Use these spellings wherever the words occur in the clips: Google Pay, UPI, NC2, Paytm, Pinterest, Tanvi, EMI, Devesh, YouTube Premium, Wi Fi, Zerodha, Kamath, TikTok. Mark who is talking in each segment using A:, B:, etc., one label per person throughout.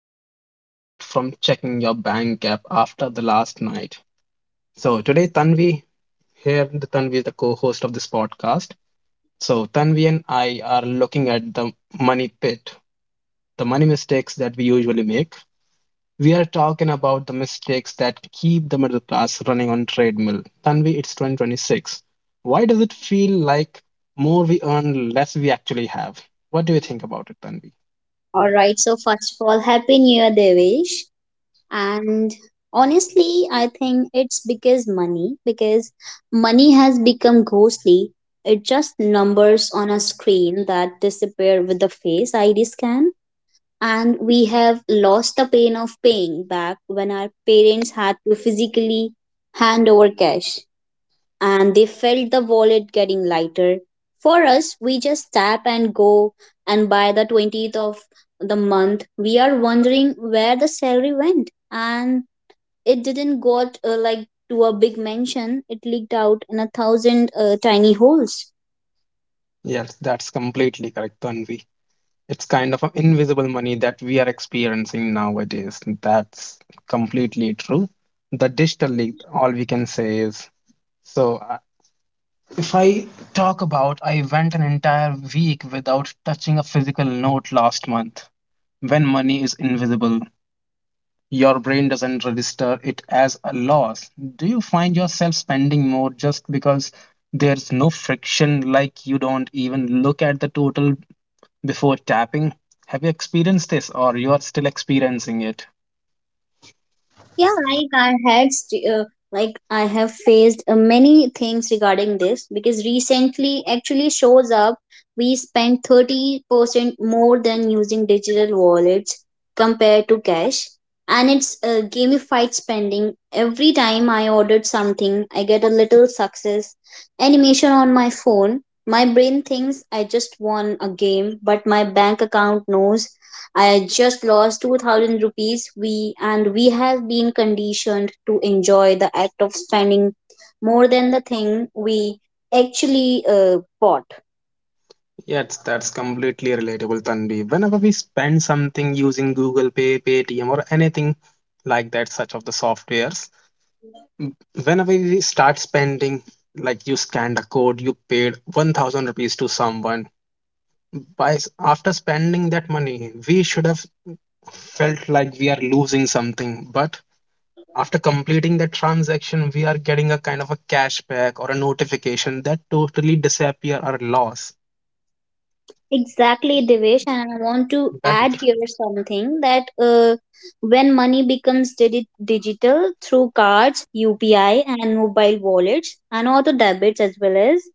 A: last night, but from checking your bank app after the last night. So today, Tanvi here, the Tanvi is the co-host of this podcast. So Tanvi and I are looking at the money pit, the money mistakes that we usually make. We are talking about the mistakes that keep the middle class running on treadmill. Tanvi, it's 2026. Why does it feel like more we earn, less we actually have? What do you think about it, Tanvi?
B: All right, so first of all, Happy New Year, Devesh. And Honestly, I think it's because money has become ghostly. It just numbers on a screen that disappear with the face ID scan. And we have lost the pain of paying back when our parents had to physically hand over cash and they felt the wallet getting lighter. For us, we just tap and go, and by the 20th of the month, we are wondering where the salary went. And it didn't go like to a big mansion, it leaked out in a thousand tiny holes.
A: Yes, that's completely correct, Tanvi. It's kind of an invisible money that we are experiencing nowadays. That's completely true. The digital leak, all we can say is so. If I talk about, I went an entire week without touching a physical note last month. When money is invisible, your brain doesn't register it as a loss. Do you find yourself spending more just because there's no friction, like you don't even look at the total before tapping? Have you experienced this or you are still experiencing it?
B: Yeah, like I have faced many things regarding this because recently actually shows up we spend 30% more than using digital wallets compared to cash. And it's gamified spending. Every time I ordered something, I get a little success animation on my phone. My brain thinks I just won a game, but my bank account knows I just lost 2,000 rupees we and we have been conditioned to enjoy the act of spending more than the thing we actually bought.
A: Yes, that's completely relatable, Tanvi. Whenever we spend something using Google Pay, Paytm, or anything like that, such of the softwares, m- whenever we start spending, like you scanned a code, you paid 1000 rupees to someone. After spending that money, we should have felt like we are losing something, but after completing that transaction, we are getting a kind of a cashback or a notification that totally disappear our loss.
B: Exactly, Devesh, and I want to
A: That
B: add here something that when money becomes digital through cards, UPI, and mobile wallets, and auto debits, as well as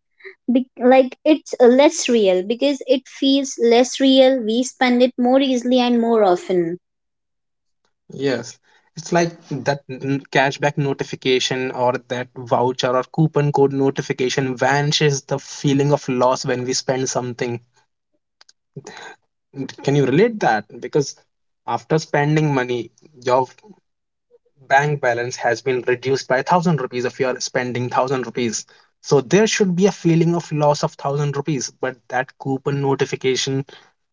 B: like it's less real because it feels less real. We spend it more easily and more often.
A: Yes, it's like that cashback notification or that voucher or coupon code notification vanishes the feeling of loss when we spend something. Can you relate that? Because after spending money, your bank balance has been reduced by 1,000 rupees if you are spending 1,000 rupees. So there should be a feeling of loss of 1,000 rupees, but that coupon notification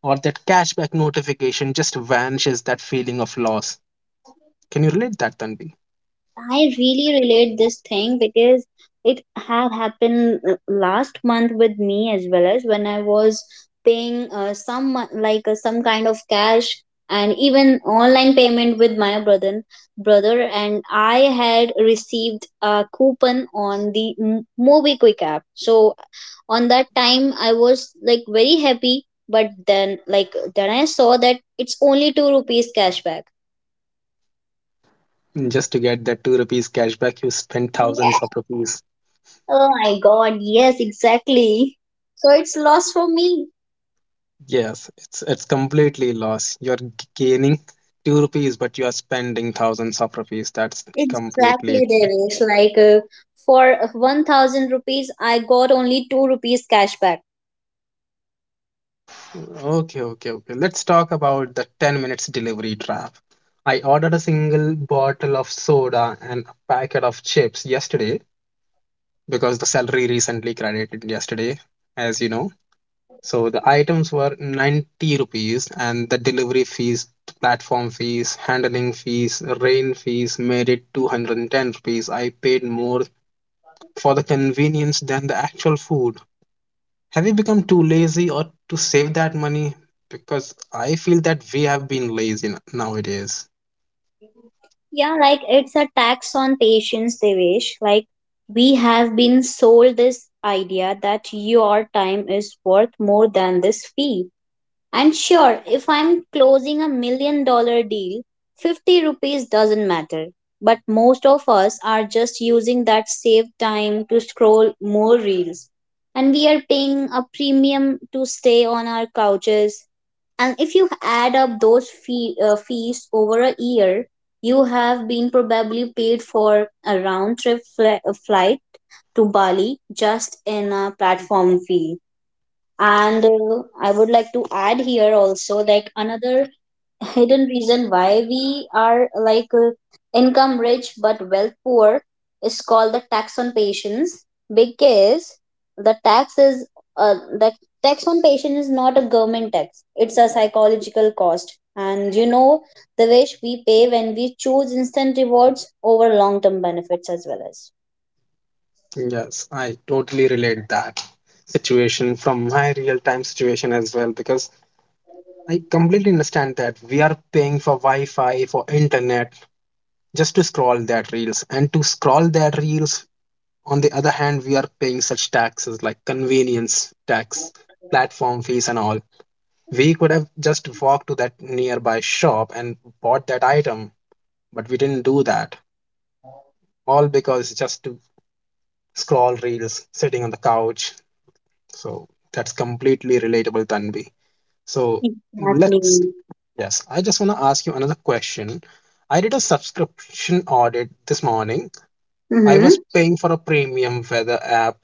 A: or that cashback notification just vanishes that feeling of loss. Can you relate that, Tanvi?
B: I really relate this thing because it had happened last month with me as well, as when I was paying some mo- like some kind of cash and even online payment with my brother and I had received a coupon on the movie quick app. So on that time I was like very happy, but then I saw that it's only 2 rupees cashback.
A: Just to get that 2 rupees cashback, you spend thousands of rupees.
B: Oh my god, yes, exactly. So it's lost for me.
A: Yes, it's completely loss. You're gaining 2 rupees, but you are spending thousands of rupees. That's completely
B: Exactly,
A: true.
B: Devesh. Like for 1,000 rupees, I got only 2 rupees cashback.
A: Okay, okay, okay. Let's talk about the 10 minutes delivery trap. I ordered a single bottle of soda and a packet of chips yesterday because the salary recently credited yesterday, as you know. So the items were 90 rupees and the delivery fees, platform fees, handling fees, rain fees made it 210 rupees. I paid more for the convenience than the actual food. Have we become too lazy or to save that money? Because I feel that we have been lazy nowadays.
B: Yeah, like it's a tax on patience, Devesh. Like we have been sold this idea that your time is worth more than this fee. And sure, if I'm closing a $1 million deal, 50 rupees doesn't matter. But most of us are just using that saved time to scroll more reels. And we are paying a premium to stay on our couches. And if you add up those fees over a year, you have been probably paid for a round trip flight to Bali just in a platform fee. And I would like to add here also like another hidden reason why we are like income rich but wealth poor is called the tax on patients, because the tax is the tax on patient is not a government tax, it's a psychological cost, and you know the wage we pay when we choose instant rewards over long term benefits, as well as
A: Yes, I totally relate that situation from my real time situation as well, because I completely understand that we are paying for Wi Fi, for internet, just to scroll that reels. And to scroll that reels, on the other hand, we are paying such taxes like convenience tax, platform fees, and all. We could have just walked to that nearby shop and bought that item, but we didn't do that, all because just to scroll reels sitting on the couch. So that's completely relatable, Tanvi. so
B: exactly.
A: let's yes I just want to ask you another question. I did a subscription audit this morning. I
B: Mm-hmm.
A: was paying for a premium weather app,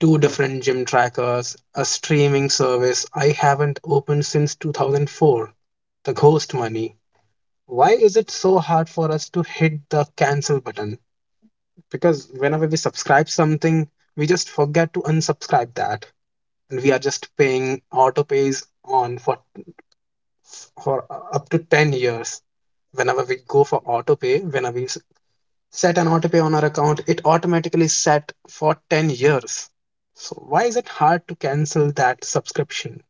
A: two different gym trackers, a streaming service I haven't opened since 2004. The ghost money. Why is it so hard for us to hit the cancel button? Because whenever we subscribe something, we just forget to unsubscribe that. And we are just paying autopays on for up to 10 years. Whenever we go for autopay, whenever we set an autopay on our account, it automatically set for 10 years. So why is it hard to cancel that subscription?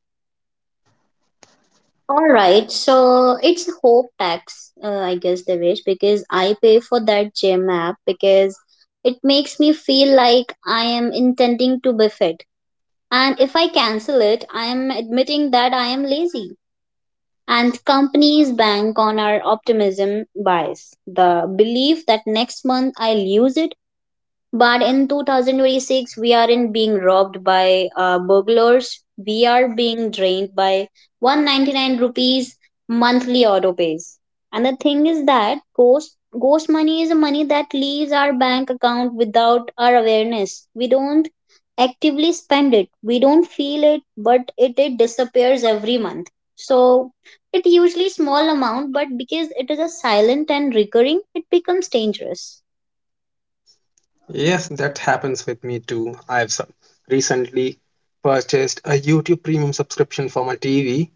B: All right, so it's a hope tax, I guess, Devesh, because I pay for that gym app because it makes me feel like I am intending to be fit. And if I cancel it, I am admitting that I am lazy. And companies bank on our optimism bias, the belief that next month I'll use it, but in 2026, we aren't being robbed by burglars. We are being drained by 199 rupees monthly auto pays. And the thing is that ghost money is money that leaves our bank account without our awareness. We don't actively spend it. We don't feel it, but it disappears every month. So it usually small amount, but because it is a silent and recurring, it becomes dangerous.
A: Yes, that happens with me too. I've recently purchased a YouTube Premium subscription for my TV,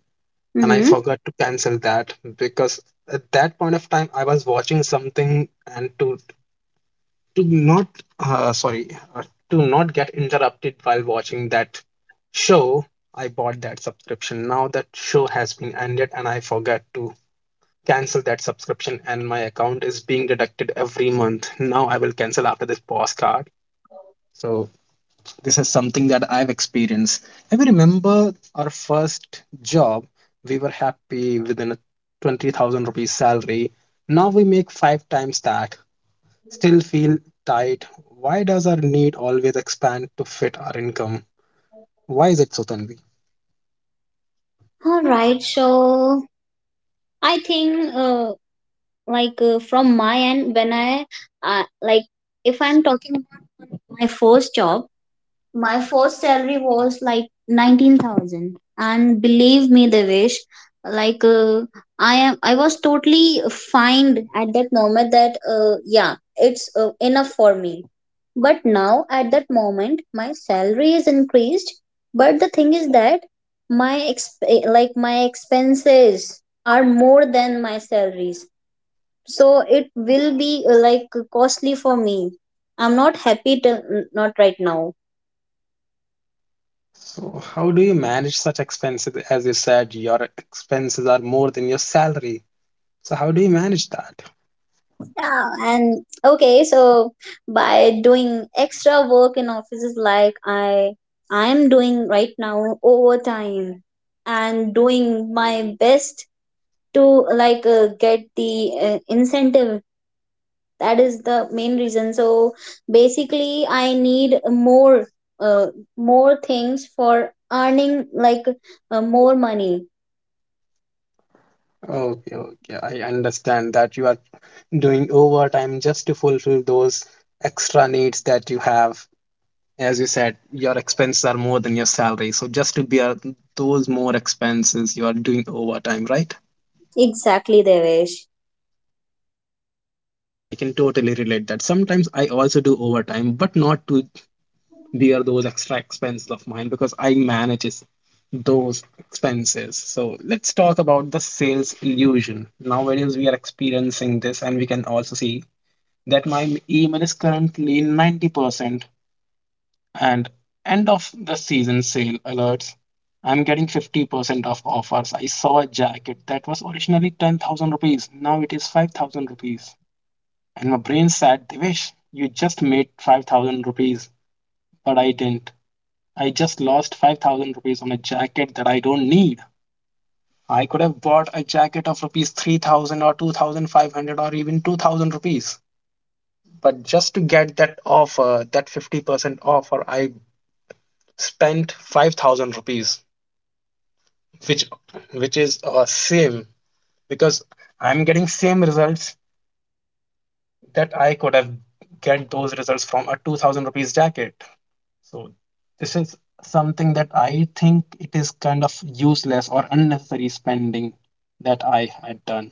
A: and I
B: Mm-hmm.
A: forgot to cancel that because at that point of time I was watching something, and to not uh, sorry uh, to not get interrupted while watching that show. I bought that subscription. Now that show has been ended and I forgot to cancel that subscription, and my account is being deducted every month. Now I will cancel after this postcard. So this is something that I've experienced. I remember our first job, we were happy within a 20,000 rupees salary. Now we make five times that, still feel tight? Why does our need always expand to fit our income? Why is it so, Tanvi?
B: All right, so I think from my end, when I uh, like if I'm talking about my first job, my first salary was like 19,000 and believe me Devesh, like uh, I was totally fine at that moment that yeah, it's enough for me, but now at that moment my salary is increased, but the thing is that my expenses are more than my salaries, so it will be like costly for me. I'm not happy till not right now.
A: So, how do you manage such expenses? As you said, your expenses are more than your salary. So, how do you manage that?
B: Yeah, and okay, so by doing extra work in offices like I am doing right now, overtime, and doing my best to like get the incentive. That is the main reason. So basically, I need uh, more things for earning like more money.
A: Okay, okay, I understand that you are doing overtime just to fulfill those extra needs that you have. As you said, your expenses are more than your salary. So, just to bear those more expenses, you are doing overtime, right?
B: Exactly, Devesh.
A: I can totally relate that. Sometimes I also do overtime, but not to bear those extra expenses of mine because I manages those expenses. So let's talk about the sales illusion. Nowadays we are experiencing this, and we can also see that my email is currently 90% and end of the season sale alerts. I'm getting 50% of offers. I saw a jacket that was originally 10,000 rupees. Now it is 5,000 rupees. And my brain said, Devesh, you just made 5,000 rupees. But I didn't. I just lost 5,000 rupees on a jacket that I don't need. I could have bought a jacket of rupees 3,000 or 2,500 or even 2,000 rupees. But just to get that offer, that 50% offer, I spent 5,000 rupees, which which is same, because I'm getting same results that I could have get those results from a 2,000 rupees jacket. So this is something that I think it is kind of useless or unnecessary spending that I had done.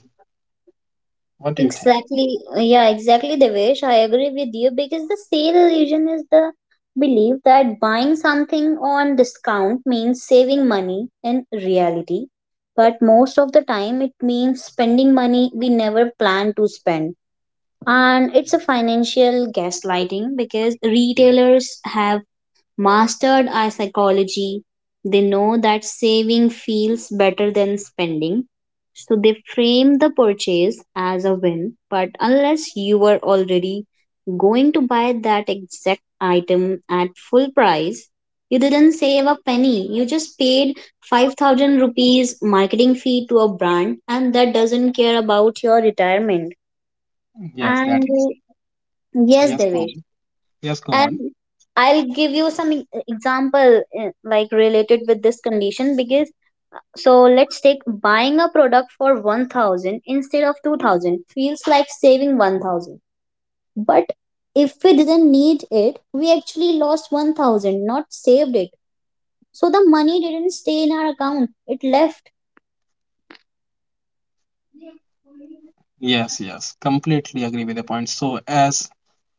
A: What do you think?
B: Exactly. Yeah, exactly, Devesh. I agree with you because the sale illusion is the belief that buying something on discount means saving money in reality. But most of the time, it means spending money we never planned to spend. And it's a financial gaslighting because retailers have mastered our psychology. They know that saving feels better than spending. So they frame the purchase as a win. But unless you were already going to buy that exact item at full price, you didn't save a penny. You just paid 5,000 rupees marketing fee to a brand and that doesn't care about your retirement.
A: Yes,
B: And
A: that is.
B: yes,
A: Yes, go
B: Devesh,
A: on. Yes, go
B: and
A: on.
B: I'll give you some example, like related with this condition. Because so let's take buying a product for 1,000 instead of 2,000 feels like saving 1,000, but if we didn't need it, we actually lost 1,000, not saved it. So the money didn't stay in our account, it left.
A: Yes, yes. Completely agree with the point. So as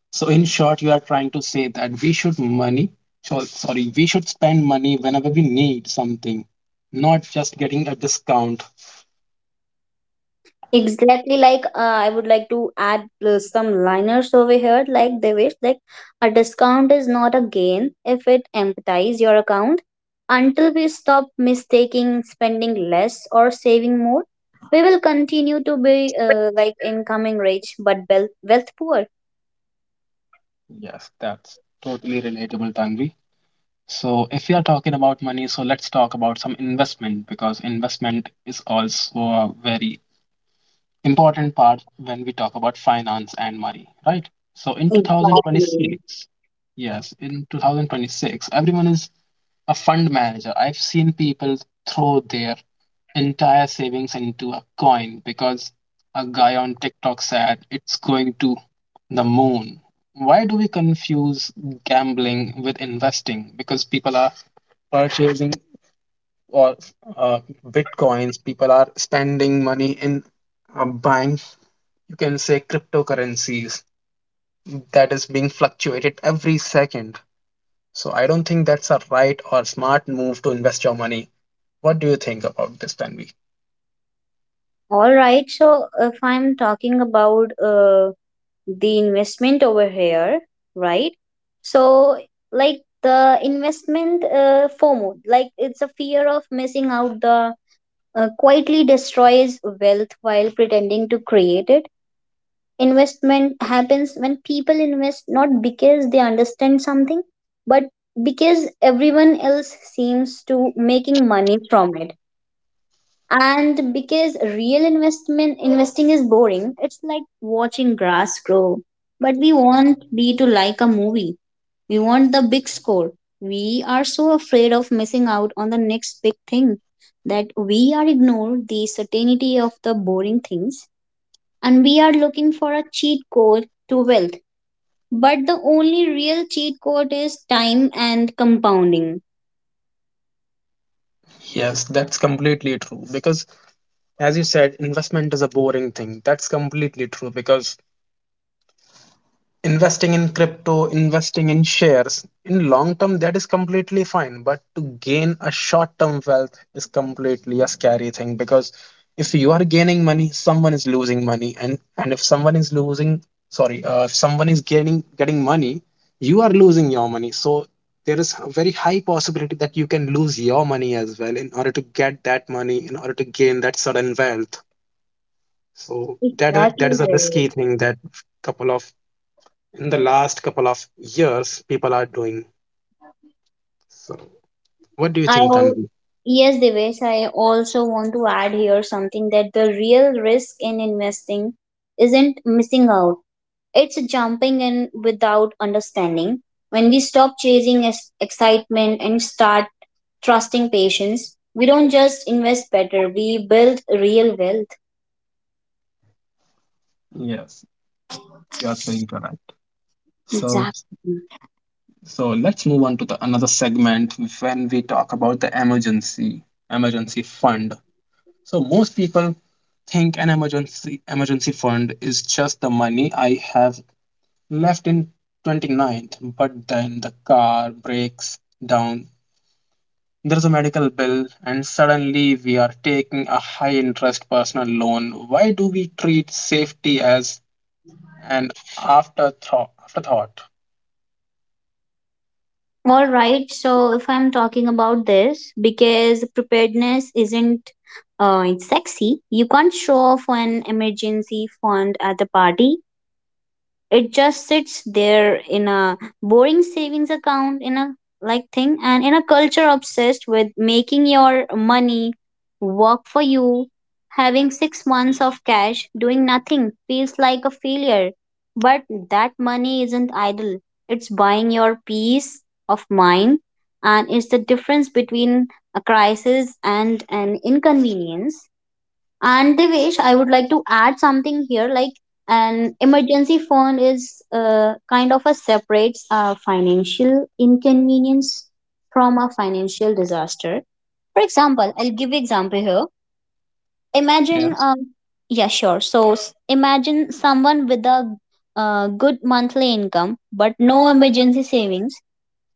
A: so in short, you are trying to say that we should spend money whenever we need something, not just getting a discount.
B: Exactly. Like I would like to add some liners over here. Like they wish, like a discount is not a gain if it empties your account. Until we stop mistaking spending less or saving more, we will continue to be like incoming rich but wealth poor.
A: Yes, that's totally relatable, Tanvi. So if we are talking about money, so let's talk about some investment, because investment is also a very important part when we talk about finance and money, right? So in
B: Exactly.
A: 2026, yes, in 2026, everyone is a fund manager. I've seen people throw their entire savings into a coin because a guy on TikTok said it's going to the moon. Why do we confuse gambling with investing? Because people are purchasing or uh, bitcoins, people are spending money in buying, you can say, cryptocurrencies that is being fluctuated every second. So I don't think that's a right or smart move to invest your money. What do you think about this, Tanvi?
B: All right. So if I'm talking about the investment over here, right? So like the investment FOMO, like it's a fear of missing out. The quietly destroys wealth while pretending to create it. Investment happens when people invest not because they understand something, but because everyone else seems to making money from it. And because real investment investing is boring, it's like watching grass grow, but we want be to like a movie. We want the big score. We are so afraid of missing out on the next big thing that we are ignore the certainty of the boring things, and we are looking for a cheat code to wealth, but the only real cheat code is time and compounding.
A: Yes, that's completely true because, as you said, investment is a boring thing. That's completely true because investing in crypto, investing in shares, in long term, that is completely fine. But to gain a short term wealth is completely a scary thing, because if you are gaining money, someone is losing money, and if someone is losing, sorry, if someone is gaining getting money, you are losing your money. So there is a very high possibility that you can lose your money as well in order to get that money, in order to gain that sudden wealth. So that
B: Exactly,
A: is a
B: Jared.
A: risky thing that couple of in the last couple of years people are doing. So, what do you
B: I
A: think,
B: al-
A: Tanvi?
B: yes, Devesh, I also want to add here something that the real risk in investing isn't missing out. It's jumping in without understanding. When we stop chasing excitement and start trusting patience, we don't just invest better, we build real wealth.
A: Yes, you are saying correct. So,
B: Exactly.
A: so let's move on to the another segment when we talk about the emergency fund. So most people think an emergency fund is just the money I have left in twenty ninth, but then the car breaks down. There's a medical bill and suddenly we are taking a high interest personal loan. Why do we treat safety as an afterthought?
B: All right. So if I'm talking about this, because preparedness isn't it's sexy. You can't show off an emergency fund at the party, it just sits there in a boring savings account, in a like thing. And in a culture obsessed with making your money work for you, having 6 months of cash doing nothing feels like a failure. But that money isn't idle, it's buying your peace of mind, and it's the difference between a crisis and an inconvenience. And Devesh, I would like to add something here. Like an emergency fund is kind of a separates a financial inconvenience from a financial disaster. For example, I'll give you example here. Imagine,
A: Yes,
B: yeah, sure. So imagine someone with a good monthly income but no emergency savings.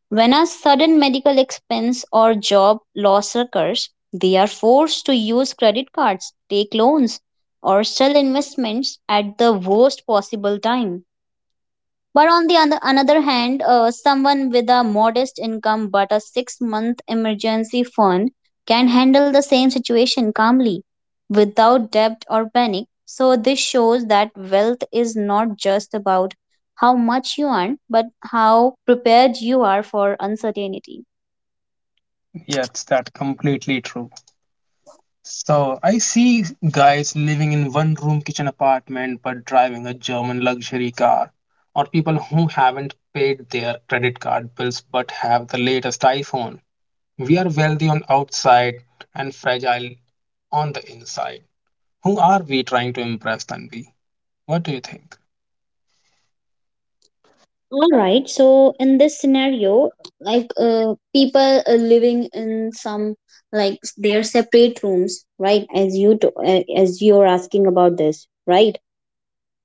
B: When a sudden medical expense or job loss occurs, they are forced to use credit cards, take loans, or sell investments at the worst possible time. But on the another hand, someone with a modest income but a 6-month emergency fund can handle the same situation calmly without debt or panic. So, this shows that wealth is not just about how much you earn, but how prepared you are for uncertainty.
A: yes, that's completely true. So I see guys living in one room kitchen apartment but driving a German luxury car, or people who haven't paid their credit card bills but have the latest iPhone. We are wealthy on outside and fragile on the inside. Who are we trying to impress, Tanvi? What do you think?
B: All right. So in this scenario, like people are living in some like their separate rooms, right? As you're asking about this, right?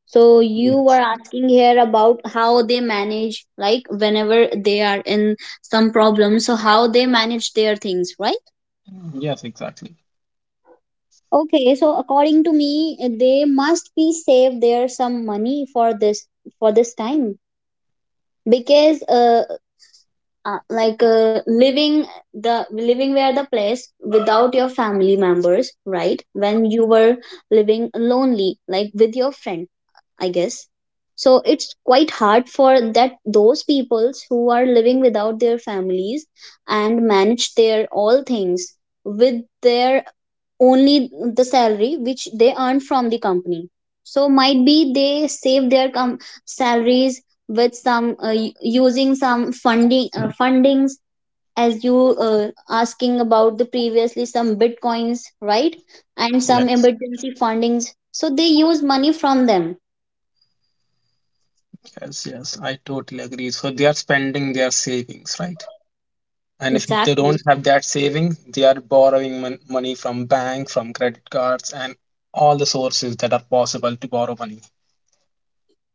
B: So you
A: Yes.
B: were asking here about how they manage, like whenever they are in some problem. So how they manage their things, right?
A: Yes, exactly.
B: Okay. So according to me, they must be save their some money for this time because living the living where the place without your family members, right? When you were living lonely like with your friend, I guess. So it's quite hard for that those peoples who are living without their families and manage their all things with their only the salary which they earn from the company. So might be they save their salaries with some using some fundings, as you asking about the previously some bitcoins, right? And some
A: Yes.
B: emergency fundings, so they use money from them.
A: Yes, yes, I totally agree. So they are spending their savings, right? And if they don't
B: Exactly.
A: have that saving, they are borrowing money from bank, from credit cards, and all the sources that are possible to borrow money.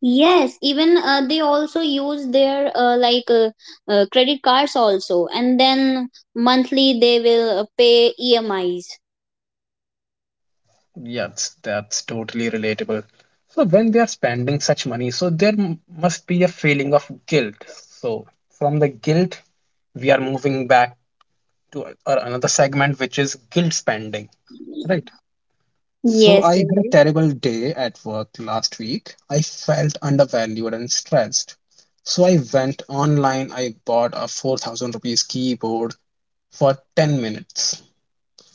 B: Yes, even they also use their credit cards also, and then monthly they will pay emis.
A: Yes, that's totally relatable. So when they are spending such money, so there must be a feeling of guilt. So from the guilt, we are moving back to a- or another segment, which is guilt spending. Right. So
B: Yes,
A: I had a
B: Devesh.
A: terrible day at work last week. I felt undervalued and stressed. So I went online. I bought a 4,000 rupees keyboard for 10 minutes,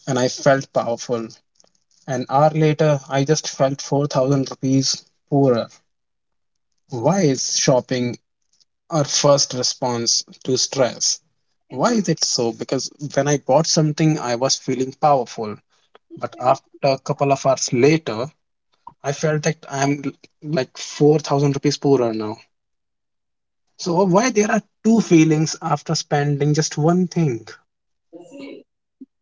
A: and I felt powerful. An hour later, I just felt 4,000 rupees poorer. Why is shopping our first response to stress? Why is it so? Because when I bought something, I was feeling powerful. But after a couple of hours later, I felt that I'm like 4,000 rupees poorer now. So why there are two feelings after spending just one thing?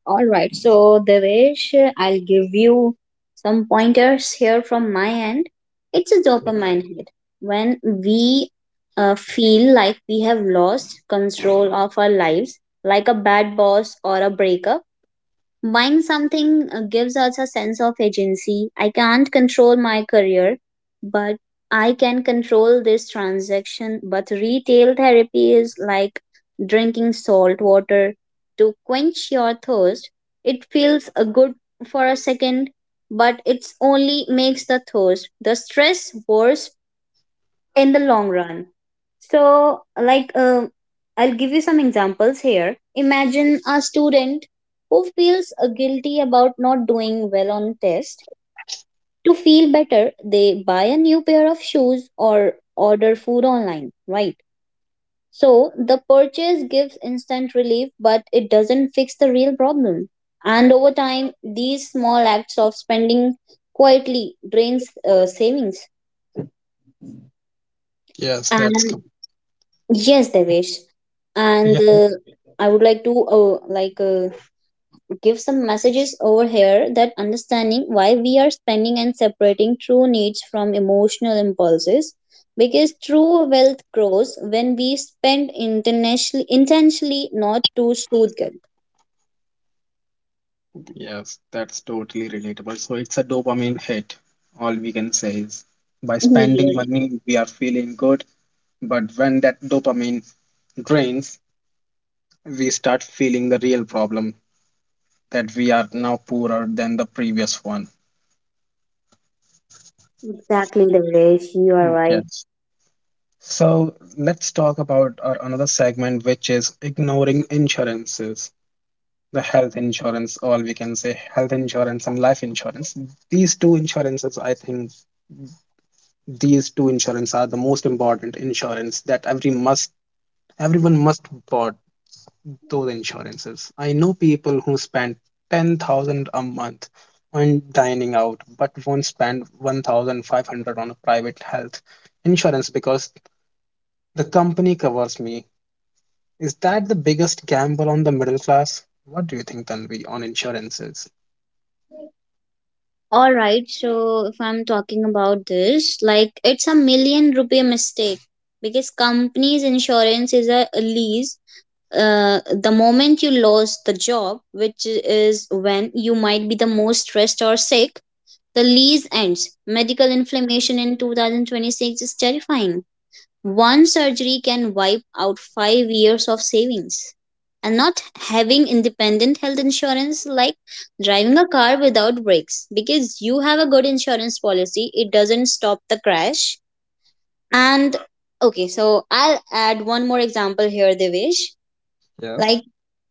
B: All right. So, Devesh, I'll give you some pointers here from my end. It's a
A: Ye-
B: dopamine hit. When we feel like we have lost control of our lives, like a bad boss or a breakup, buying something gives us a sense of agency. I can't control my career, but I can control this transaction. But retail therapy is like drinking salt water to quench your thirst. It feels good for a second, but it's only makes the thirst, the stress worse in the long run. So, like, I'll give you some examples here. Imagine a student who feels guilty about not doing well on test. To feel better, they buy a new pair of shoes or order food online, right? So, the purchase gives instant relief, but it doesn't fix the real problem. And over time, these small acts of spending quietly drains savings.
A: Yes, that's
B: And
A: com-
B: yes, Devesh. And
A: yeah,
B: I would like to give some messages over here that understanding why we are spending and separating true needs from emotional impulses, because true wealth grows when we spend internationally intentionally, not to soothe guilt.
A: yes, that's totally relatable. So it's a dopamine hit. All we can say is by spending
B: Yeah,
A: money, we are feeling good, but when that dopamine drains, we start feeling the real problem that we are now poorer than the previous one.
B: exactly, Devesh. You are right.
A: Yes. So let's talk about our another segment, which is ignoring insurances, the health insurance, or we can say health insurance and life insurance. These two insurances, I think, these two insurance are the most important insurance that everyone must bought those insurances. I know people who spend 10,000 a month on dining out, but won't spend 1,500 on a private health insurance because the company covers me. Is that the biggest gamble on the middle class? What do you think, Tanvi, on insurances?
B: All right, so if I'm talking about this, like it's a million rupee mistake because company's insurance is a lease. The moment you lost the job, which is when you might be the most stressed or sick, the lease ends. Medical inflammation in 2026 is terrifying. One surgery can wipe out 5 years of savings. And not having independent health insurance like driving a car without brakes because you have a good insurance policy, it doesn't stop the crash. And okay, so I'll add one more example here, Devesh.
A: Yes.
B: Like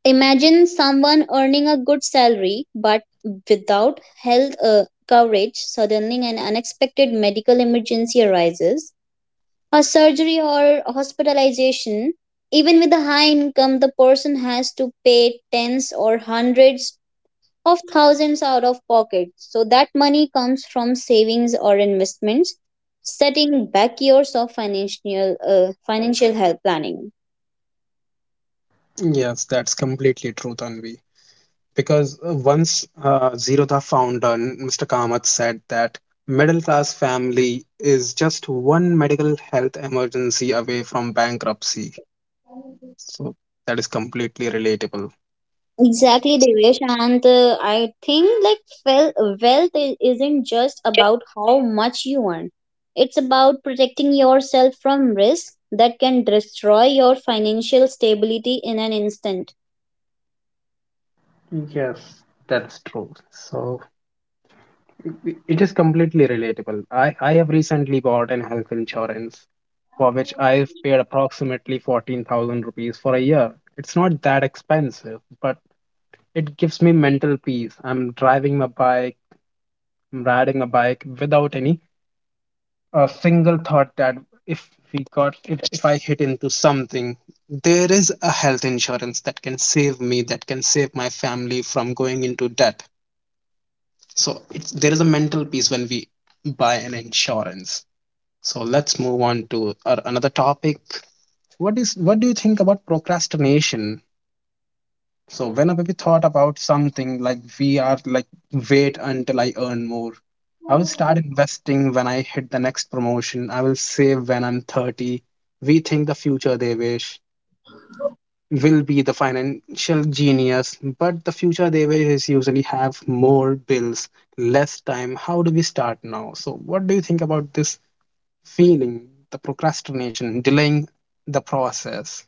B: imagine someone earning a good salary but without health coverage. Suddenly, an unexpected medical emergency arises, a surgery or hospitalization. Even with a high income, the person has to pay tens or hundreds of thousands out of pocket. So, that money comes from savings or investments, setting back years of financial health planning.
A: Yes, that's completely true, Tanvi. Because once Zerodha founder Mr. Kamath said that middle class family is just one medical health emergency away from bankruptcy. So that is completely relatable.
B: Exactly, Devesh, and I think like wealth isn't just about how much you earn. It's about protecting yourself from risk that can destroy your financial stability in an instant.
A: Yes, that's true. So it is completely relatable. I have recently bought an health insurance for which I've paid approximately 14,000 rupees for a year. It's not that expensive, but it gives me mental peace. I'm riding a bike without any a single thought that if we got if I hit into something, there is a health insurance that can save me, that can save my family from going into debt. So it's there is a mental peace when we buy an insurance. So let's move on to our another topic. What do you think about procrastination? So whenever we thought about something, like we are like, wait until I earn more. I will start investing when I hit the next promotion. I will save when I'm 30. We think the future they wish will be the financial genius, but the future they wish is usually have more bills, less time. How do we start now? So what do you think about this feeling, the procrastination delaying the process?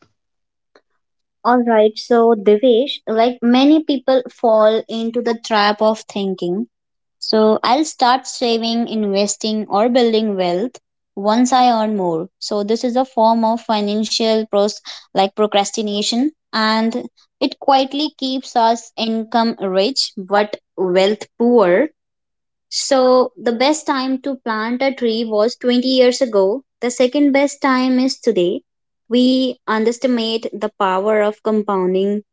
B: All right, so Devesh, like many people fall into the trap of thinking, so I'll start saving, investing, or building wealth once I earn more. So this is a form of financial pros like procrastination, and it quietly keeps us income rich but wealth poor. So the best time to plant a tree was 20 years ago. The second best time is today. We underestimate the power of compounding.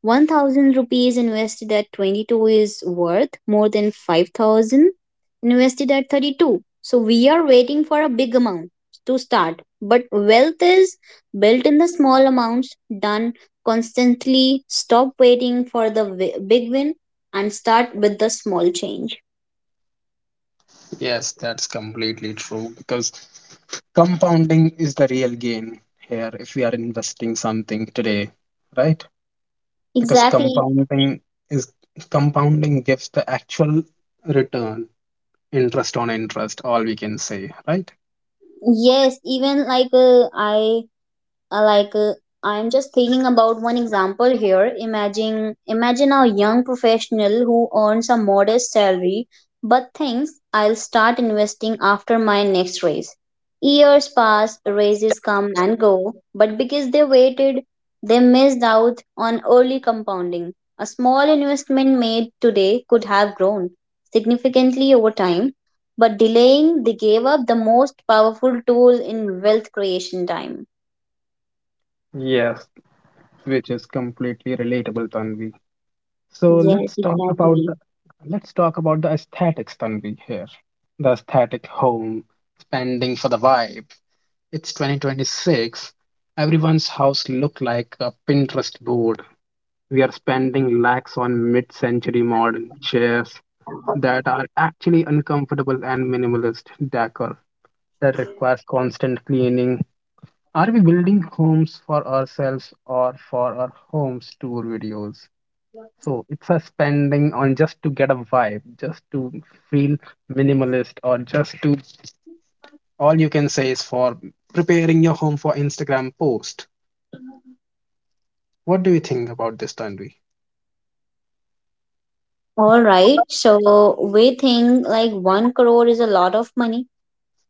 B: 1,000 rupees invested at 22 is worth more than 5,000 invested at 32. So we are waiting for a big amount to start. But wealth is built in the small amounts, done constantly. Stop waiting for the big win and start with the small change.
A: Yes, that's completely true because compounding is the real gain here, if we are investing something today, right? Because
B: Exactly.
A: is compounding gives the actual return, interest on interest, all we can say, right?
B: Yes, even like uh, like uh, I'm just thinking about one example here. Imagine imagine a young professional who earns a modest salary but thinks I'll start investing after my next raise. Years pass, raises come and go, but because they waited, they missed out on early compounding. A small investment made today could have grown significantly over time, but delaying, they gave up the most powerful tool in wealth creation: time.
A: Yes, which is completely relatable, Tanvi. So
B: Yes, exactly.
A: let's talk about the aesthetics, Tanvi, here. The aesthetic home, spending for the vibe. It's 2026. Everyone's house look like a Pinterest board. We are spending lakhs on mid-century modern chairs that are actually uncomfortable, and minimalist decor that requires constant cleaning. Are we building homes for ourselves or for our homes tour videos? So it's a spending on just to get a vibe, just to feel minimalist, or just to, all you can say is, for preparing your home for Instagram post. What do you think about this, Tanvi?
B: All right. So we think like one crore is a lot of money,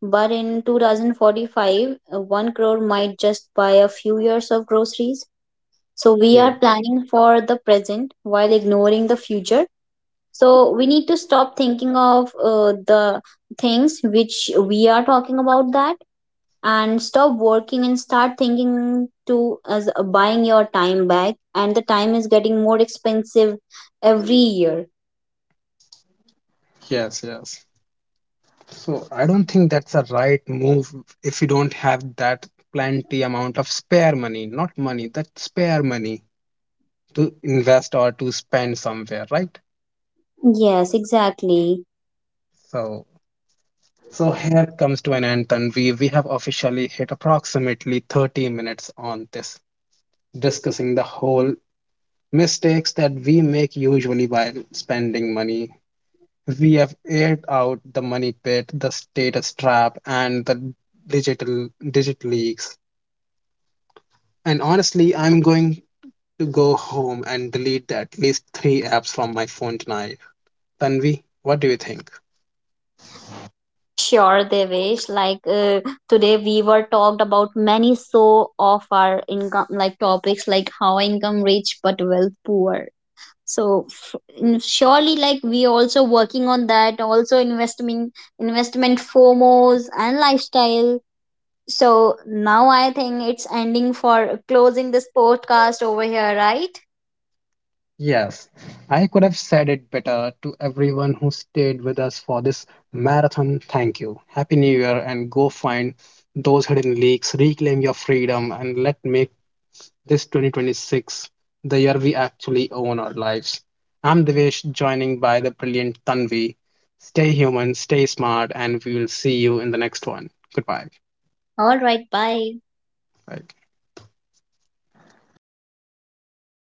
B: but in 2045, one crore might just buy a few years of groceries. So we
A: Yeah.
B: are planning for the present while ignoring the future. So we need to stop thinking of the things which we are talking about that, and stop working and start thinking to as buying your time back, and the time is getting more expensive every year.
A: Yes. Yes. So I don't think that's a right move if you don't have that plenty amount of spare money, not money, that spare money to invest or to spend somewhere, right?
B: Yes, exactly.
A: So So here comes to an end, Tanvi. We have officially hit approximately 30 minutes on this, discussing the whole mistakes that we make usually while spending money. We have aired out the money pit, the status trap, and the digital digit leaks. And honestly, I'm going to go home and delete at least 3 apps from my phone tonight. Tanvi, what do you think?
B: Sure, Devesh. Like today, we were talked about many so of our income, like topics like how income rich but wealth poor. So surely, like we also working on that. Also investment, investment FOMOs and lifestyle. So now I think it's ending for closing this podcast over here, right?
A: Yes, I could have said it better to everyone who stayed with us for this marathon. Thank you. Happy New Year, and go find those hidden leaks, reclaim your freedom, and let make this 2026 the year we actually own our lives. I'm Devesh, joining by the brilliant Tanvi. Stay human, stay smart, and we will see you in the next one. Goodbye.
B: All right, bye.
A: Bye.